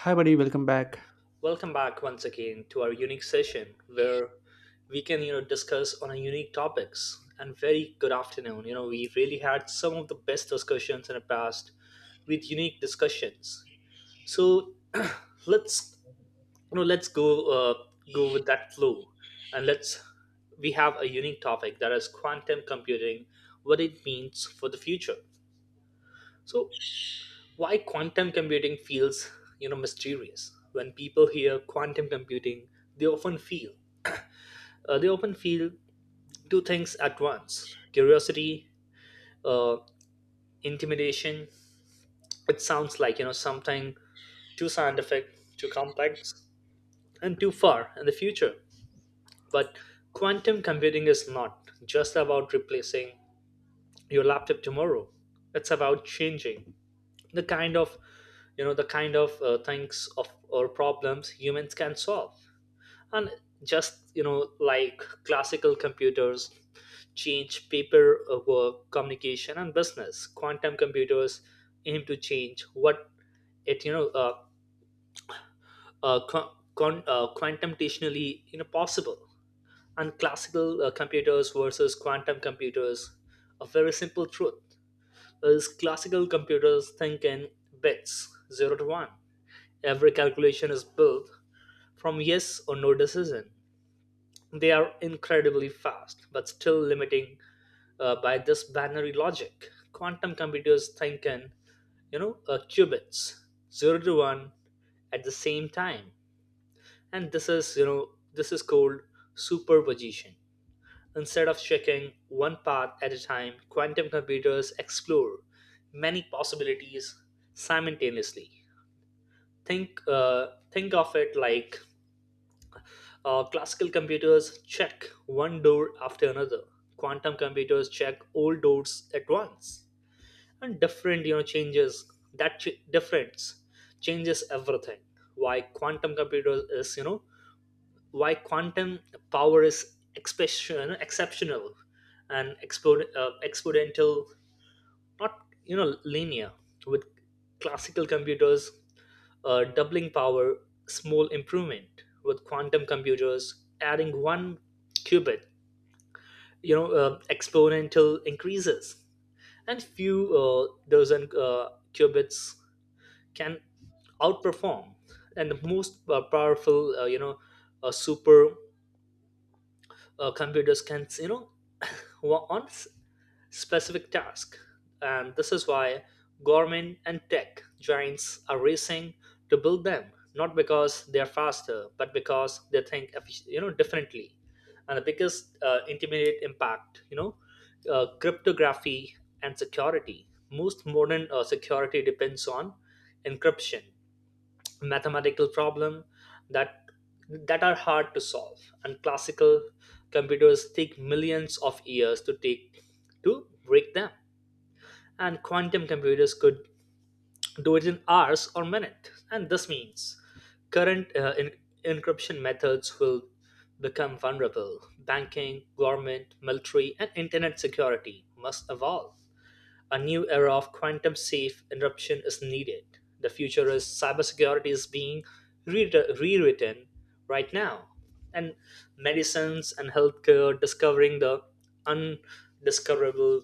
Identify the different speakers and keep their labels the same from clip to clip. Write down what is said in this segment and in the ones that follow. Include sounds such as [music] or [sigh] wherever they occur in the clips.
Speaker 1: Hi, buddy. Welcome back.
Speaker 2: Welcome back once again to our unique session where we can discuss on a unique topics. And very good afternoon. You know, we really had some of the best discussions in the past with unique discussions. So [clears throat] let's you know let's go go with that flow and let's we have a unique topic, that is quantum computing, what it means for the future. So why quantum computing feels mysterious. When people hear quantum computing, they often feel they often feel two things at once: curiosity, uh, intimidation. It sounds like something too scientific, too complex, and too far in the future. But quantum computing is not just about replacing your laptop tomorrow. It's about changing the kind of, the kind of things of or problems humans can solve. And just like classical computers change paper work, communication and business, quantum computers aim to change what it you know con- con- quantitationally possible. And classical computers versus quantum computers, a very simple truth is classical computers think in bits, 0 to 1. Every calculation is built from yes or no decision. They are incredibly fast, but still limiting by this binary logic. Quantum computers think in, qubits, 0 to 1 at the same time. And this is, this is called superposition. Instead of checking one path at a time, quantum computers explore many possibilities simultaneously. Think of it like, classical computers check one door after another. Quantum computers check all doors at once, and different you know changes that ch- difference changes everything. Why quantum computers is you know why quantum power is expression, exceptional and exponential, not linear. With classical computers, doubling power, small improvement. With quantum computers, adding one qubit, exponential increases, and few dozen qubits can outperform. And the most powerful, super computers can work on specific tasks. And this is why government and tech giants are racing to build them, not because they are faster but because they think differently. And the biggest intermediate impact, cryptography and security. Most modern security depends on encryption, mathematical problem that that are hard to solve. And classical computers take millions of years to take to break them, and quantum computers could do it in hours or minutes. And this means current encryption methods will become vulnerable. Banking, government, military and internet security must evolve. A new era of quantum safe encryption is needed. The future is cybersecurity is being re- rewritten right now. And medicines and healthcare, discovering the undiscoverable.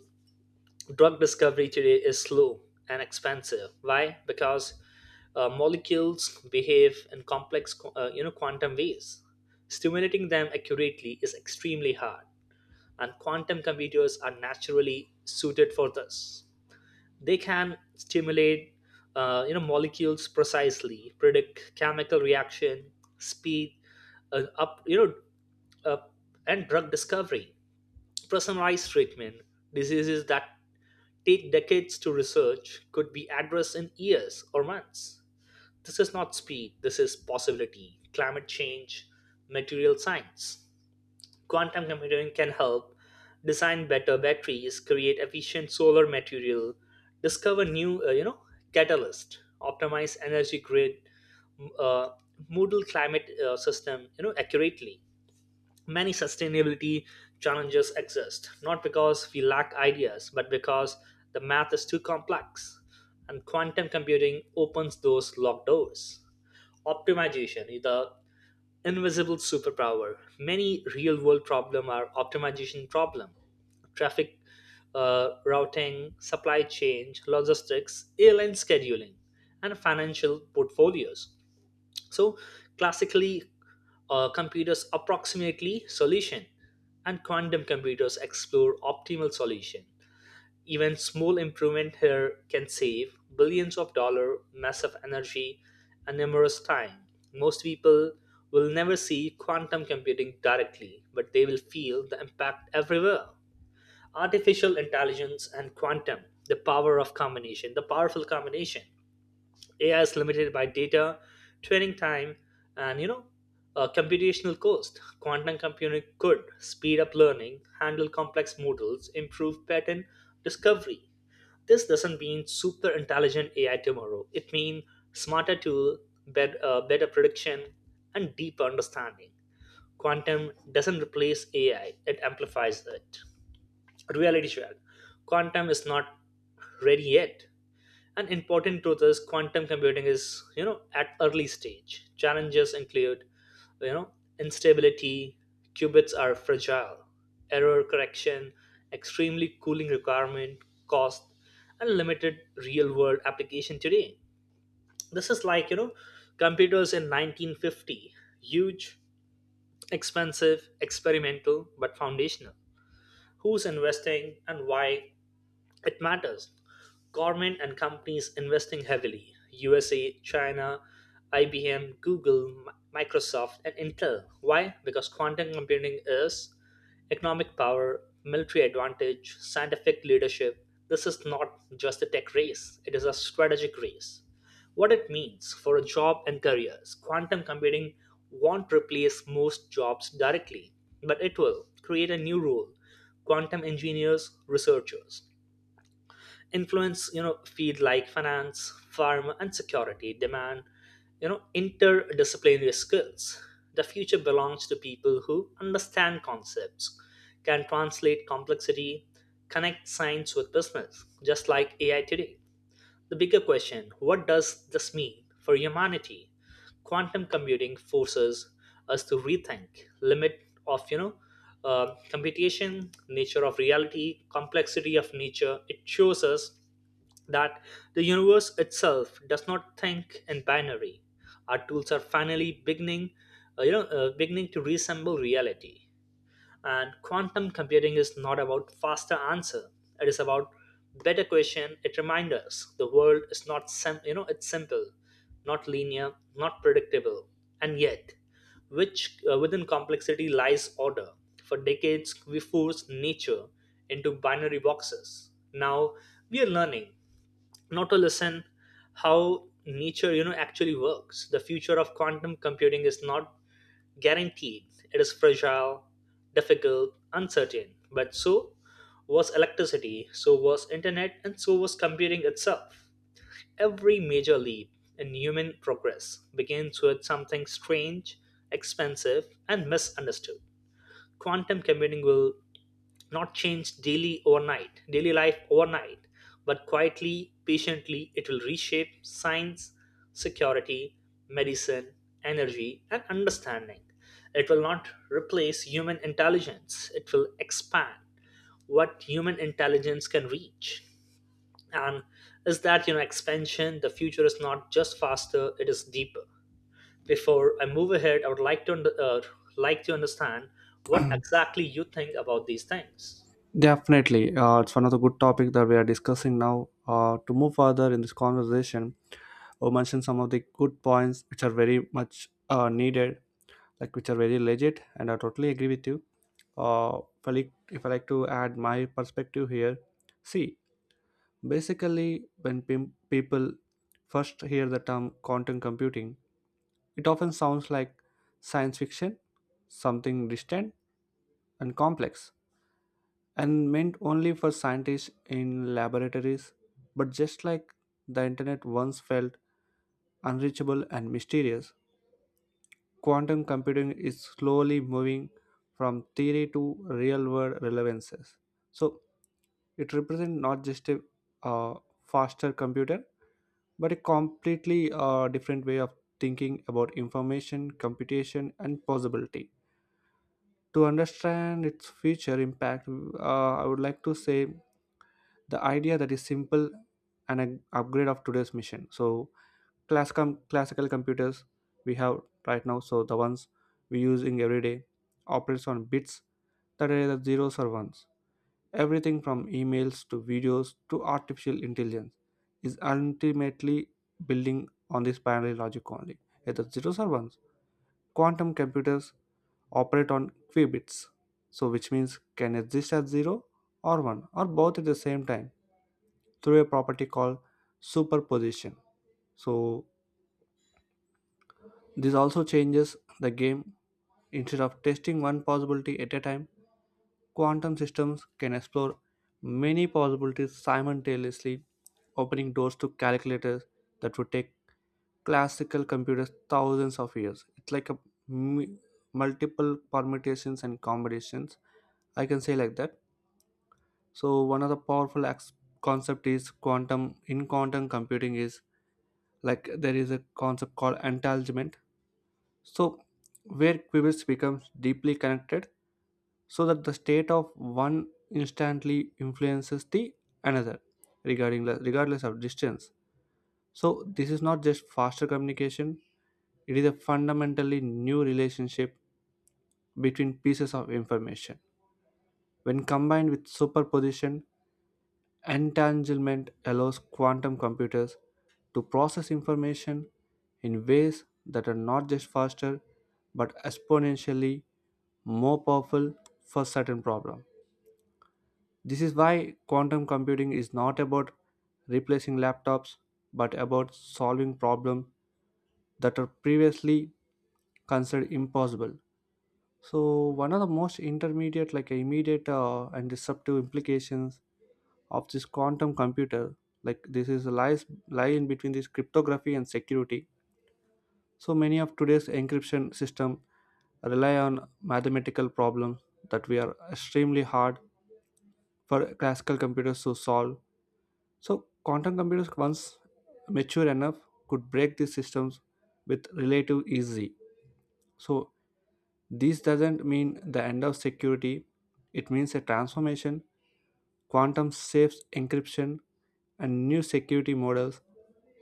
Speaker 2: Drug discovery today is slow and expensive. Why? Because molecules behave in complex, quantum ways. Stimulating them accurately is extremely hard, and quantum computers are naturally suited for this. They can stimulate molecules precisely, predict chemical reaction, speed up uh, and drug discovery, personalized treatment. Diseases that take decades to research could be addressed in years or months. This is not speed, this is possibility. Climate change, material science. Quantum computing can help design better batteries, create efficient solar material, discover new, catalyst, optimize energy grid, m- uh, model climate system, accurately. Many sustainability challenges exist, not because we lack ideas, but because the math is too complex. And quantum computing opens those locked doors. Optimization, the invisible superpower. Many real world problem are optimization problem: traffic routing, supply chain logistics, airline scheduling, and financial portfolios. So classically, computers approximately solution, and quantum computers explore optimal solution. Even small improvement here can save billions of dollars, massive energy, and numerous time. Most people will never see quantum computing directly, but they will feel the impact everywhere. Artificial intelligence and quantum, the power of combination, the powerful combination. AI is limited by data, training time, and computational cost. Quantum computing could speed up learning, handle complex models, improve pattern discovery. This doesn't mean super intelligent AI tomorrow. It means smarter tool, better prediction, and deeper understanding. Quantum doesn't replace AI; it amplifies it. Reality check: quantum is not ready yet. An important truth is quantum computing is, at early stage. Challenges include, you know, instability, qubits are fragile, error correction, extremely cooling requirement, cost, and limited real-world application today. This is like, computers in 1950, huge, expensive, experimental, but foundational. Who's investing and why it matters. Government and companies investing heavily. USA, China, IBM, Google, Microsoft, and Intel. Why? Because quantum computing is economic power, military advantage, scientific leadership. This is not just a tech race, it is a strategic race. What it means for a job and careers. Quantum computing won't replace most jobs directly, but it will create a new role: quantum engineers, researchers, influence field like finance, farm and security demand interdisciplinary skills. The future belongs to people who understand concepts, can translate complexity, connect science with business, just like AI today. The bigger question: what does this mean for humanity? Quantum computing forces us to rethink limit of computation, nature of reality, complexity of nature. It shows us that the universe itself does not think in binary. Our tools are finally beginning, beginning to resemble reality. And quantum computing is not about faster answer. It is about better question. It reminds us the world is not it's simple, not linear, not predictable, and yet, which within complexity lies order. For decades, we forced nature into binary boxes. Now we are learning not to listen how nature actually works. The future of quantum computing is not guaranteed, it is fragile, difficult, uncertain, but so was electricity, so was internet, and so was computing itself. Every major leap in human progress begins with something strange, expensive and misunderstood. Quantum computing will not change daily overnight, daily life overnight, but quietly, patiently, it will reshape science, security, medicine, energy, and understanding. It will not replace human intelligence, it will expand what human intelligence can reach. And is that expansion? The future is not just faster; it is deeper. Before I move ahead, I would like to understand what exactly you think about these things.
Speaker 1: Definitely, it's one of the good topic that we are discussing now. To move further in this conversation, we mentioned some of the good points which are very much needed, like which are very legit, and I totally agree with you. If I like to add my perspective here, see, basically, when people first hear the term quantum computing, it often sounds like science fiction, something distant and complex and meant only for scientists in laboratories. But just like the internet once felt unreachable and mysterious, quantum computing is slowly moving from theory to real world relevances. So it represents not just a uh, faster computer, but a completely different way of thinking about information, computation, and possibility. To understand its future impact, I would like to say the idea that is simple and an upgrade of today's mission. So classical computers we have right now, so the ones we use in every day, operates on bits that are either zeros or ones. Everything from emails to videos to artificial intelligence is ultimately building on this binary logic only, either zeros or ones. Quantum computers operate on qubits, so which means can exist as zero or one or both at the same time through a property called superposition. So, this also changes the game. Instead of testing one possibility at a time, quantum systems can explore many possibilities simultaneously, opening doors to calculators that would take classical computers thousands of years. It's like a m- multiple permutations and combinations. I can say like that. So one of the powerful concept is quantum in quantum computing is like there is a concept called entanglement, so where qubits becomes deeply connected so that the state of one instantly influences the another, regarding regardless of distance. So this is not just faster communication, it is a fundamentally new relationship between pieces of information. When combined with superposition, entanglement allows quantum computers to process information in ways that are not just faster but exponentially more powerful for certain problems. This is why quantum computing is not about replacing laptops but about solving problems that are previously considered impossible. So one of the most intermediate, like immediate and disruptive implications of this quantum computer, like this is a lie in between this cryptography and security. So many of today's encryption system rely on mathematical problems that we are extremely hard for classical computers to solve. So quantum computers, once mature enough, could break these systems with relative easy. So this doesn't mean the end of security, it means a transformation. Quantum safe encryption and new security models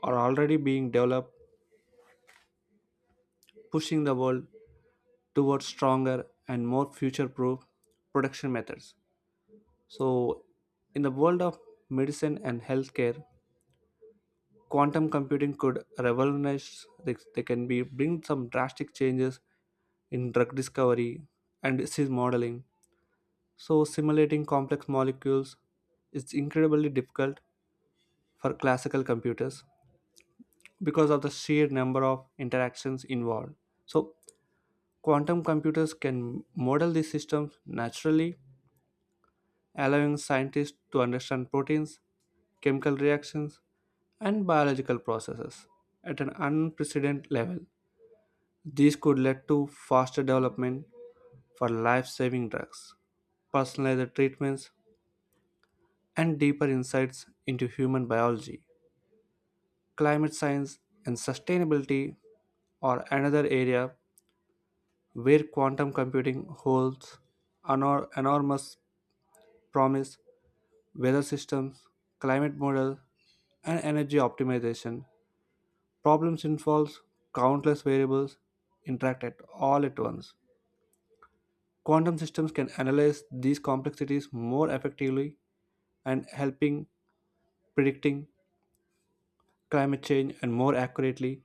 Speaker 1: are already being developed, pushing the world towards stronger and more future proof production methods. So, in the world of medicine and healthcare, quantum computing could revolutionize, they can be bring some drastic changes in drug discovery and disease modeling. So, simulating complex molecules is incredibly difficult for classical computers because of the sheer number of interactions involved. So, quantum computers can model these systems naturally, allowing scientists to understand proteins, chemical reactions, and biological processes at an unprecedented level. These could lead to faster development for life saving drugs, personalized treatments, and deeper insights into human biology. Climate science and sustainability are another area where quantum computing holds enormous promise. Weather systems, climate models, and energy optimization problems involve countless variables interact at all at once. Quantum systems can analyze these complexities more effectively and helping predicting climate change and more accurately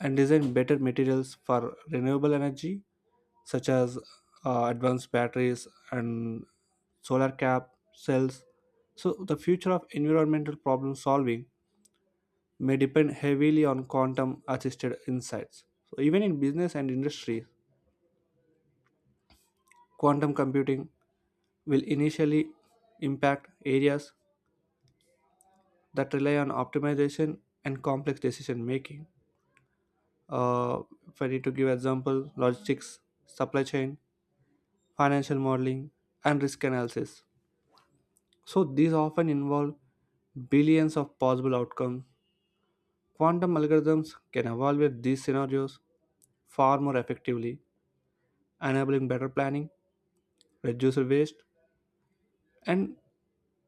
Speaker 1: and design better materials for renewable energy such as advanced batteries and solar cap cells. So, the future of environmental problem solving may depend heavily on quantum assisted insights. So, even in business and industry, quantum computing will initially impact areas that rely on optimization and complex decision making. Uh, if I need to give example, logistics, supply chain, financial modeling, and risk analysis. So these often involve billions of possible outcomes. Quantum algorithms can evaluate these scenarios far more effectively, enabling better planning, reduced waste, and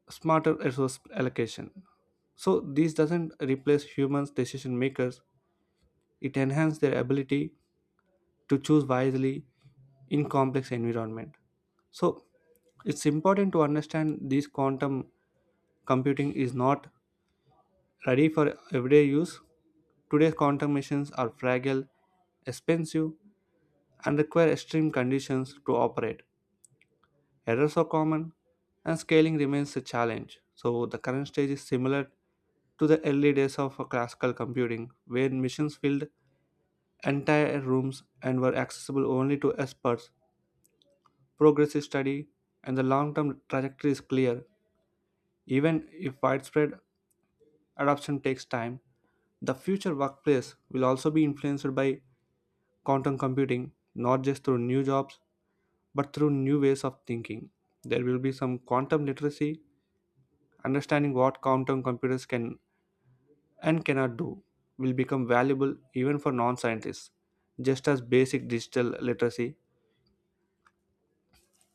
Speaker 1: smarter resource allocation. So this doesn't replace humans decision makers, it enhances their ability to choose wisely in complex environment. So it's important to understand this quantum computing is not ready for everyday use. Today's quantum machines are fragile, expensive, and require extreme conditions to operate. Errors are common, and scaling remains a challenge. So, the current stage is similar to the early days of classical computing, where machines filled entire rooms and were accessible only to experts. Progress is steady, and the long term trajectory is clear. Even if widespread, adoption takes time, the future workplace will also be influenced by quantum computing, not just through new jobs, but through new ways of thinking. There will be some quantum literacy, understanding what quantum computers can and cannot do, will become valuable even for non scientists, just as basic digital literacy.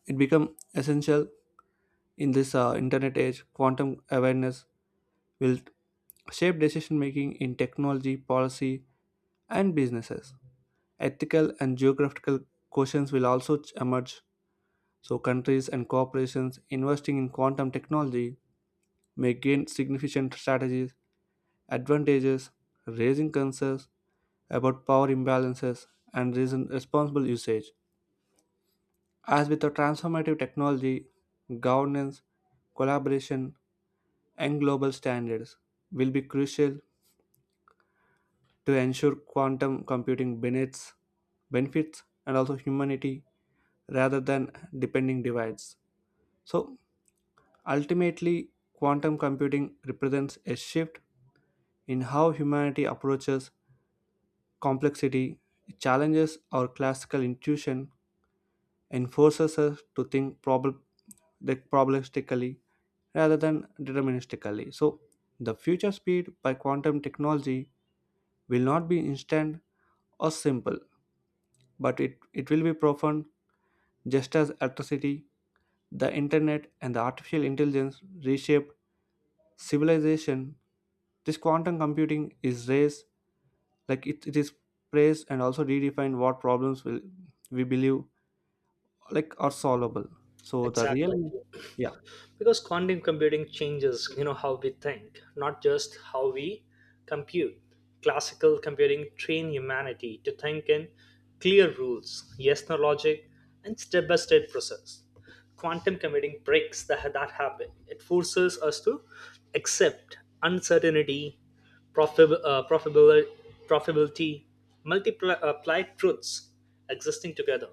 Speaker 1: It become essential in this internet age. Quantum awareness will shape decision making in technology, policy, and businesses. Ethical and geographical questions will also emerge, so countries and corporations investing in quantum technology may gain significant strategies, advantages, raising concerns about power imbalances and reason responsible usage. As with the transformative technology, governance, collaboration, and global standards will be crucial to ensure quantum computing benefits and also humanity rather than depending divides. So ultimately, quantum computing represents a shift in how humanity approaches complexity. It challenges our classical intuition and forces us to think probabilistically rather than deterministically. So the future speed by quantum technology will not be instant or simple, but it will be profound, just as electricity, the internet, and the artificial intelligence reshape civilization. This quantum computing is raised, like it is praised and also redefine what problems will we believe like are solvable. So the
Speaker 2: Exactly.
Speaker 1: real, yeah,
Speaker 2: Because quantum computing changes how we think, not just how we compute. Classical computing train humanity to think in clear rules, yes no logic, and step by step process. Quantum computing breaks that habit. It forces us to accept uncertainty, profib- uh, profibil- profitability, multiply applied truths existing together,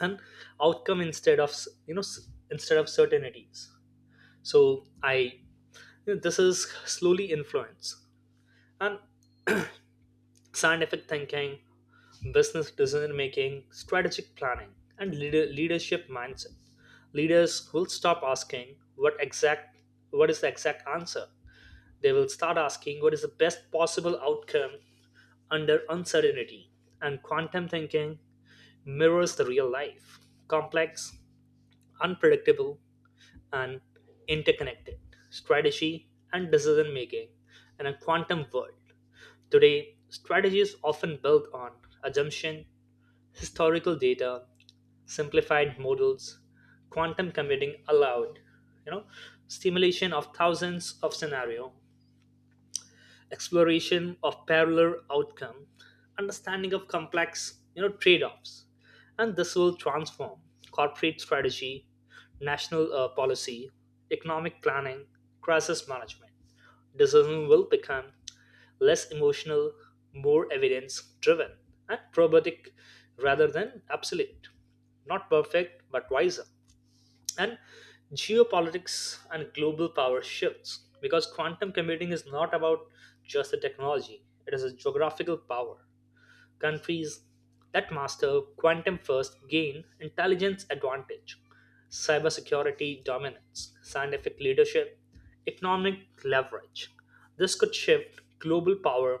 Speaker 2: and outcome instead of you know s- instead of certainties. So this is slowly influence and scientific thinking, business decision making, strategic planning, and leadership mindset. Leaders will stop asking what is the exact answer. They will start asking what is the best possible outcome under uncertainty. And quantum thinking mirrors the real life: complex, unpredictable, and interconnected. Strategy and decision making in a quantum world. Today, strategy is often built on assumption, historical data, simplified models. Quantum computing allowed, you know, stimulation of thousands of scenario, exploration of parallel outcome, understanding of complex trade-offs, and this will transform corporate strategy, national policy, economic planning, crisis management. Decision will become less emotional, more evidence-driven, and probatic rather than absolute. Not perfect, but wiser. And geopolitics and global power shifts, because quantum computing is not about just the technology, it is a geographical power. Countries that master quantum first gain intelligence advantage, cybersecurity dominance, scientific leadership, economic leverage. This could shift global power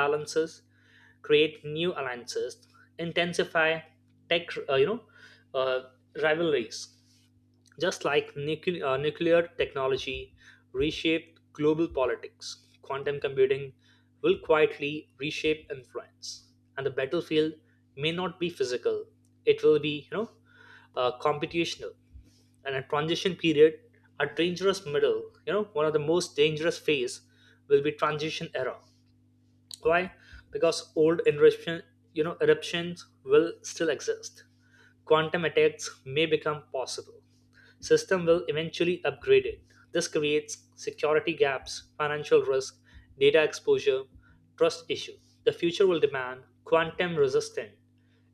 Speaker 2: balances, create new alliances, intensify tech uh, rivalries. Just like nuclear technology reshaped global politics, quantum computing will quietly reshape influence. And the battlefield may not be physical; it will be, computational. And a transition period, a dangerous middle, one of the most dangerous phase will be transition era. Why? Because old eruption, you know, eruptions will still exist. Quantum attacks may become possible. System will eventually upgrade it. This creates security gaps, financial risk, data exposure, trust issue. The future will demand quantum resistant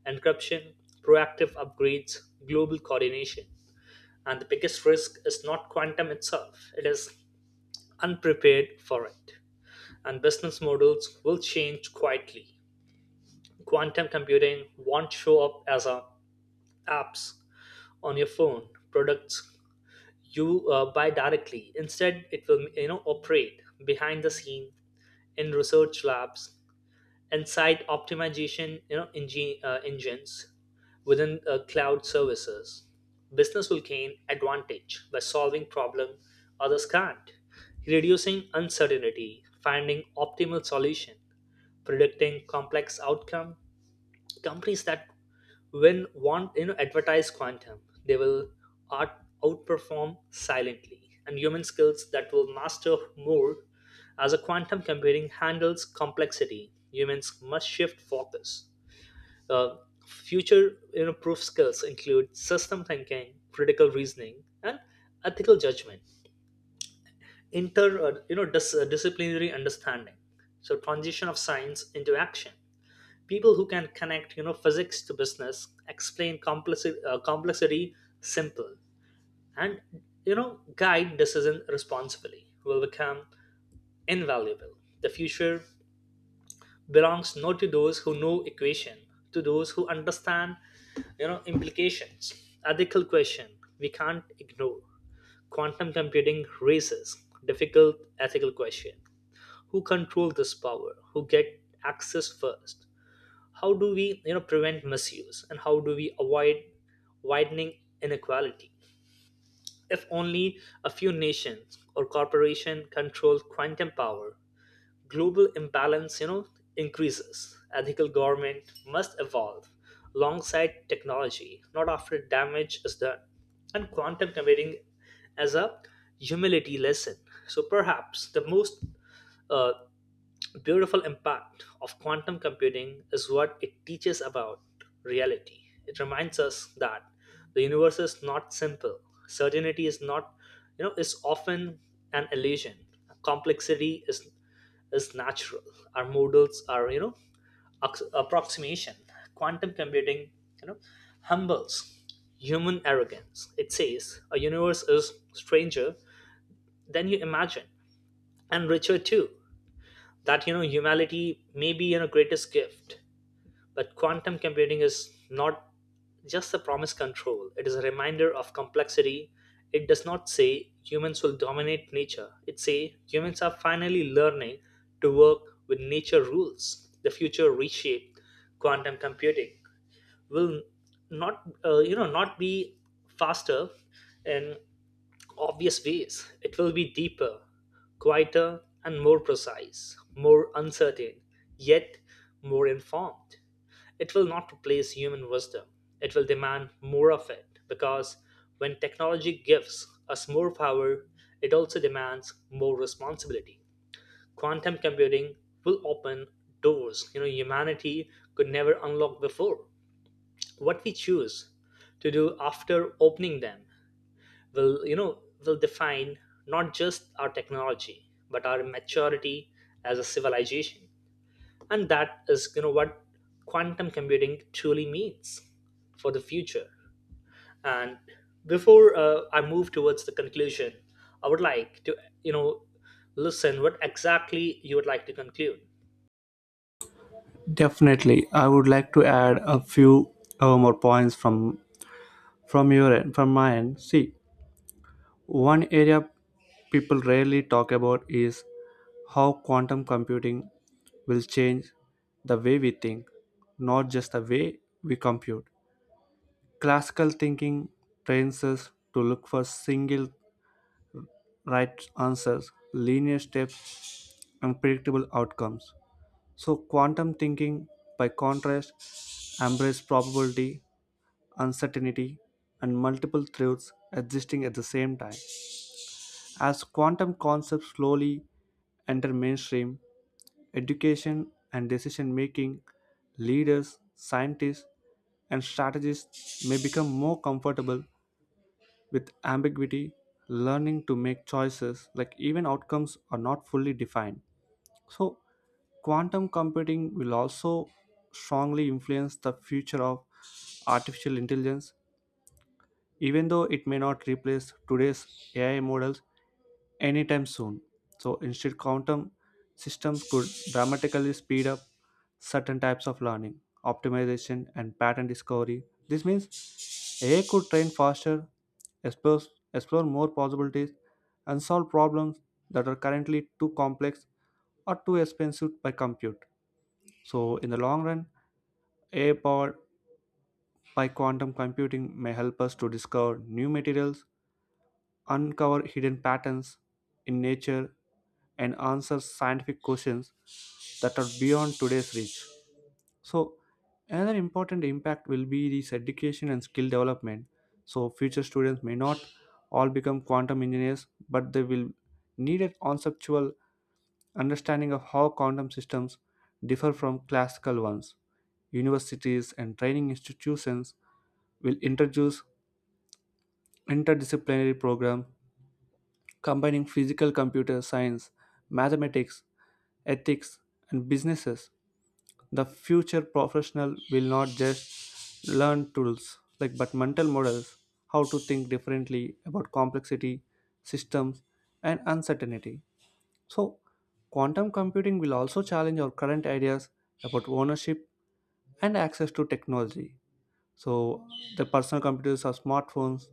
Speaker 2: encryption, proactive upgrades, global coordination. And the biggest risk is not quantum itself, it is unprepared for it. And business models will change quietly. Quantum computing won't show up as a apps on your phone, products you buy directly. Instead, it will operate behind the scene in research labs, and site optimization engines within cloud services. Business will gain advantage by solving problem others can't, reducing uncertainty, finding optimal solution, predicting complex outcome. Companies that, when want advertise quantum, they will outperform silently. And human skills that will master more. As a quantum computing handles complexity, humans must shift focus. Uh, future proof skills include system thinking, critical reasoning, and ethical judgment, inter you know dis- disciplinary understanding. So transition of science into action. People who can connect physics to business, explain complexity simple, and guide decision responsibly will become invaluable. The future belongs not to those who know equation, to those who understand implications, ethical question we can't ignore. Quantum computing raises difficult ethical question. Who control this power? Who get access first? How do we prevent misuse, and how do we avoid widening inequality? If only a few nations or corporation control quantum power, global imbalance increases. Ethical government must evolve alongside technology, not after damage is done. And quantum computing as a humility lesson. So perhaps the most uh, beautiful impact of quantum computing is what it teaches about reality. It reminds us that the universe is not simple. Certainty is not, is often an illusion. Complexity is natural. Our models are, approximation. Quantum computing, you know, humbles human arrogance. It says a universe is stranger than you imagine, and richer too, that humanity may be greatest gift. But quantum computing is not just a promise control, it is a reminder of complexity. It does not say humans will dominate nature, it say humans are finally learning to work with nature rules. The future reshaped. Quantum computing will not you know not be faster and obvious ways. It will be deeper, quieter, and more precise, more uncertain, yet more informed. It will not replace human wisdom. It will demand more of it, because when technology gives us more power, it also demands more responsibility. Quantum computing will open doors, humanity could never unlock before. What we choose to do after opening them will you know will define not just our technology but our maturity as a civilization. And that is what quantum computing truly means for the future. And before I move towards the conclusion, I would like to you know listen what exactly you would like to conclude.
Speaker 1: definitely I would like to add a few more points from your end from my end. See, one area people rarely talk about is how quantum computing will change the way we think, not just the way we compute. Classical thinking trains us to look for single right answers, linear steps, and predictable outcomes. So, quantum thinking, by contrast, embraces probability, uncertainty, and multiple truths existing at the same time. As quantum concepts slowly enter mainstream education and decision making, leaders, scientists, and strategists may become more comfortable with ambiguity, learning to make choices like even outcomes are not fully defined. So, quantum computing will also strongly influence the future of artificial intelligence even though it may not replace today's AI models anytime soon. So, instead, quantum systems could dramatically speed up certain types of learning, optimization, and pattern discovery. This means AI could train faster, explore, explore more possibilities, and solve problems that are currently too complex or too expensive by compute. So, in the long run, AI powered by quantum computing may help us to discover new materials, uncover hidden patterns in nature, and answer scientific questions that are beyond today's reach. So, another important impact will be this education and skill development. So, future students may not all become quantum engineers, but they will need a conceptual understanding of how quantum systems differ from classical ones. Universities and training institutions will introduce interdisciplinary programs combining physical computer science, mathematics, ethics, and businesses. The future professional will not just learn tools like but mental models, how to think differently about complexity, systems, and uncertainty. So, quantum computing will also challenge our current ideas about ownership and access to technology. So, the personal computers or smartphones,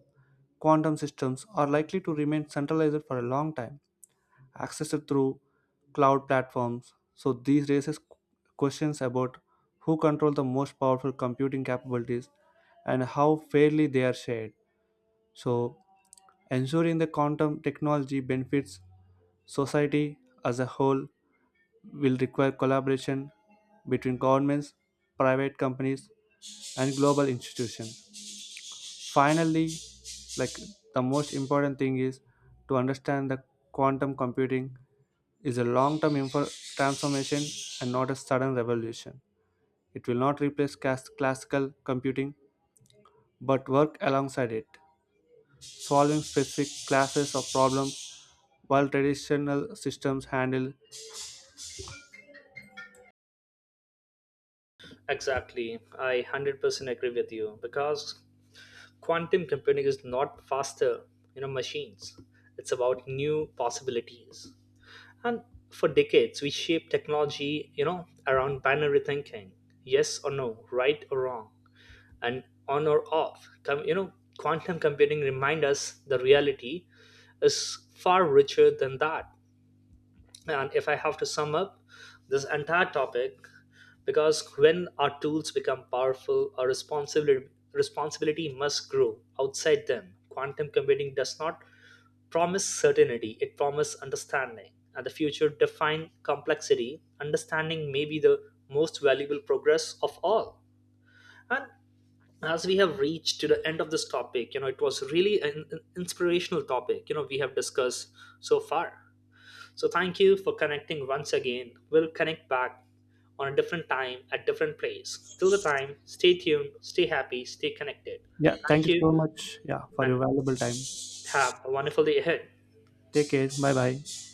Speaker 1: quantum systems are likely to remain centralized for a long time accessed through cloud platforms. So these raises questions about who control the most powerful computing capabilities and how fairly they are shared. So ensuring the quantum technology benefits society as a whole will require collaboration between governments, private companies, and global institutions. Finally, like, the most important thing is to understand that quantum computing is a long-term transformation and not a sudden revolution. It will not replace classical computing but work alongside it, solving specific classes of problems while traditional systems handle.
Speaker 2: Exactly, I 100% agree with you, because quantum computing is not faster machines, it's about new possibilities. And for decades, we shaped technology, around binary thinking, yes or no, right or wrong, and on or off. Quantum computing remind us the reality is far richer than that. And if I have to sum up this entire topic, because when our tools become powerful, our responsibility must grow outside them. Quantum computing does not promised certainty, it promised understanding. And the future defined complexity, understanding may be the most valuable progress of all. And as we have reached to the end of this topic, it was really an inspirational topic, we have discussed so far. So thank you for connecting once again. We'll connect back on a different time at different place. Till the time, stay tuned, stay happy, stay connected.
Speaker 1: Yeah,
Speaker 2: Thank
Speaker 1: thank you
Speaker 2: you,
Speaker 1: so much, yeah, for your
Speaker 2: and
Speaker 1: valuable time.
Speaker 2: have a wonderful day ahead.
Speaker 1: Take care. Bye bye.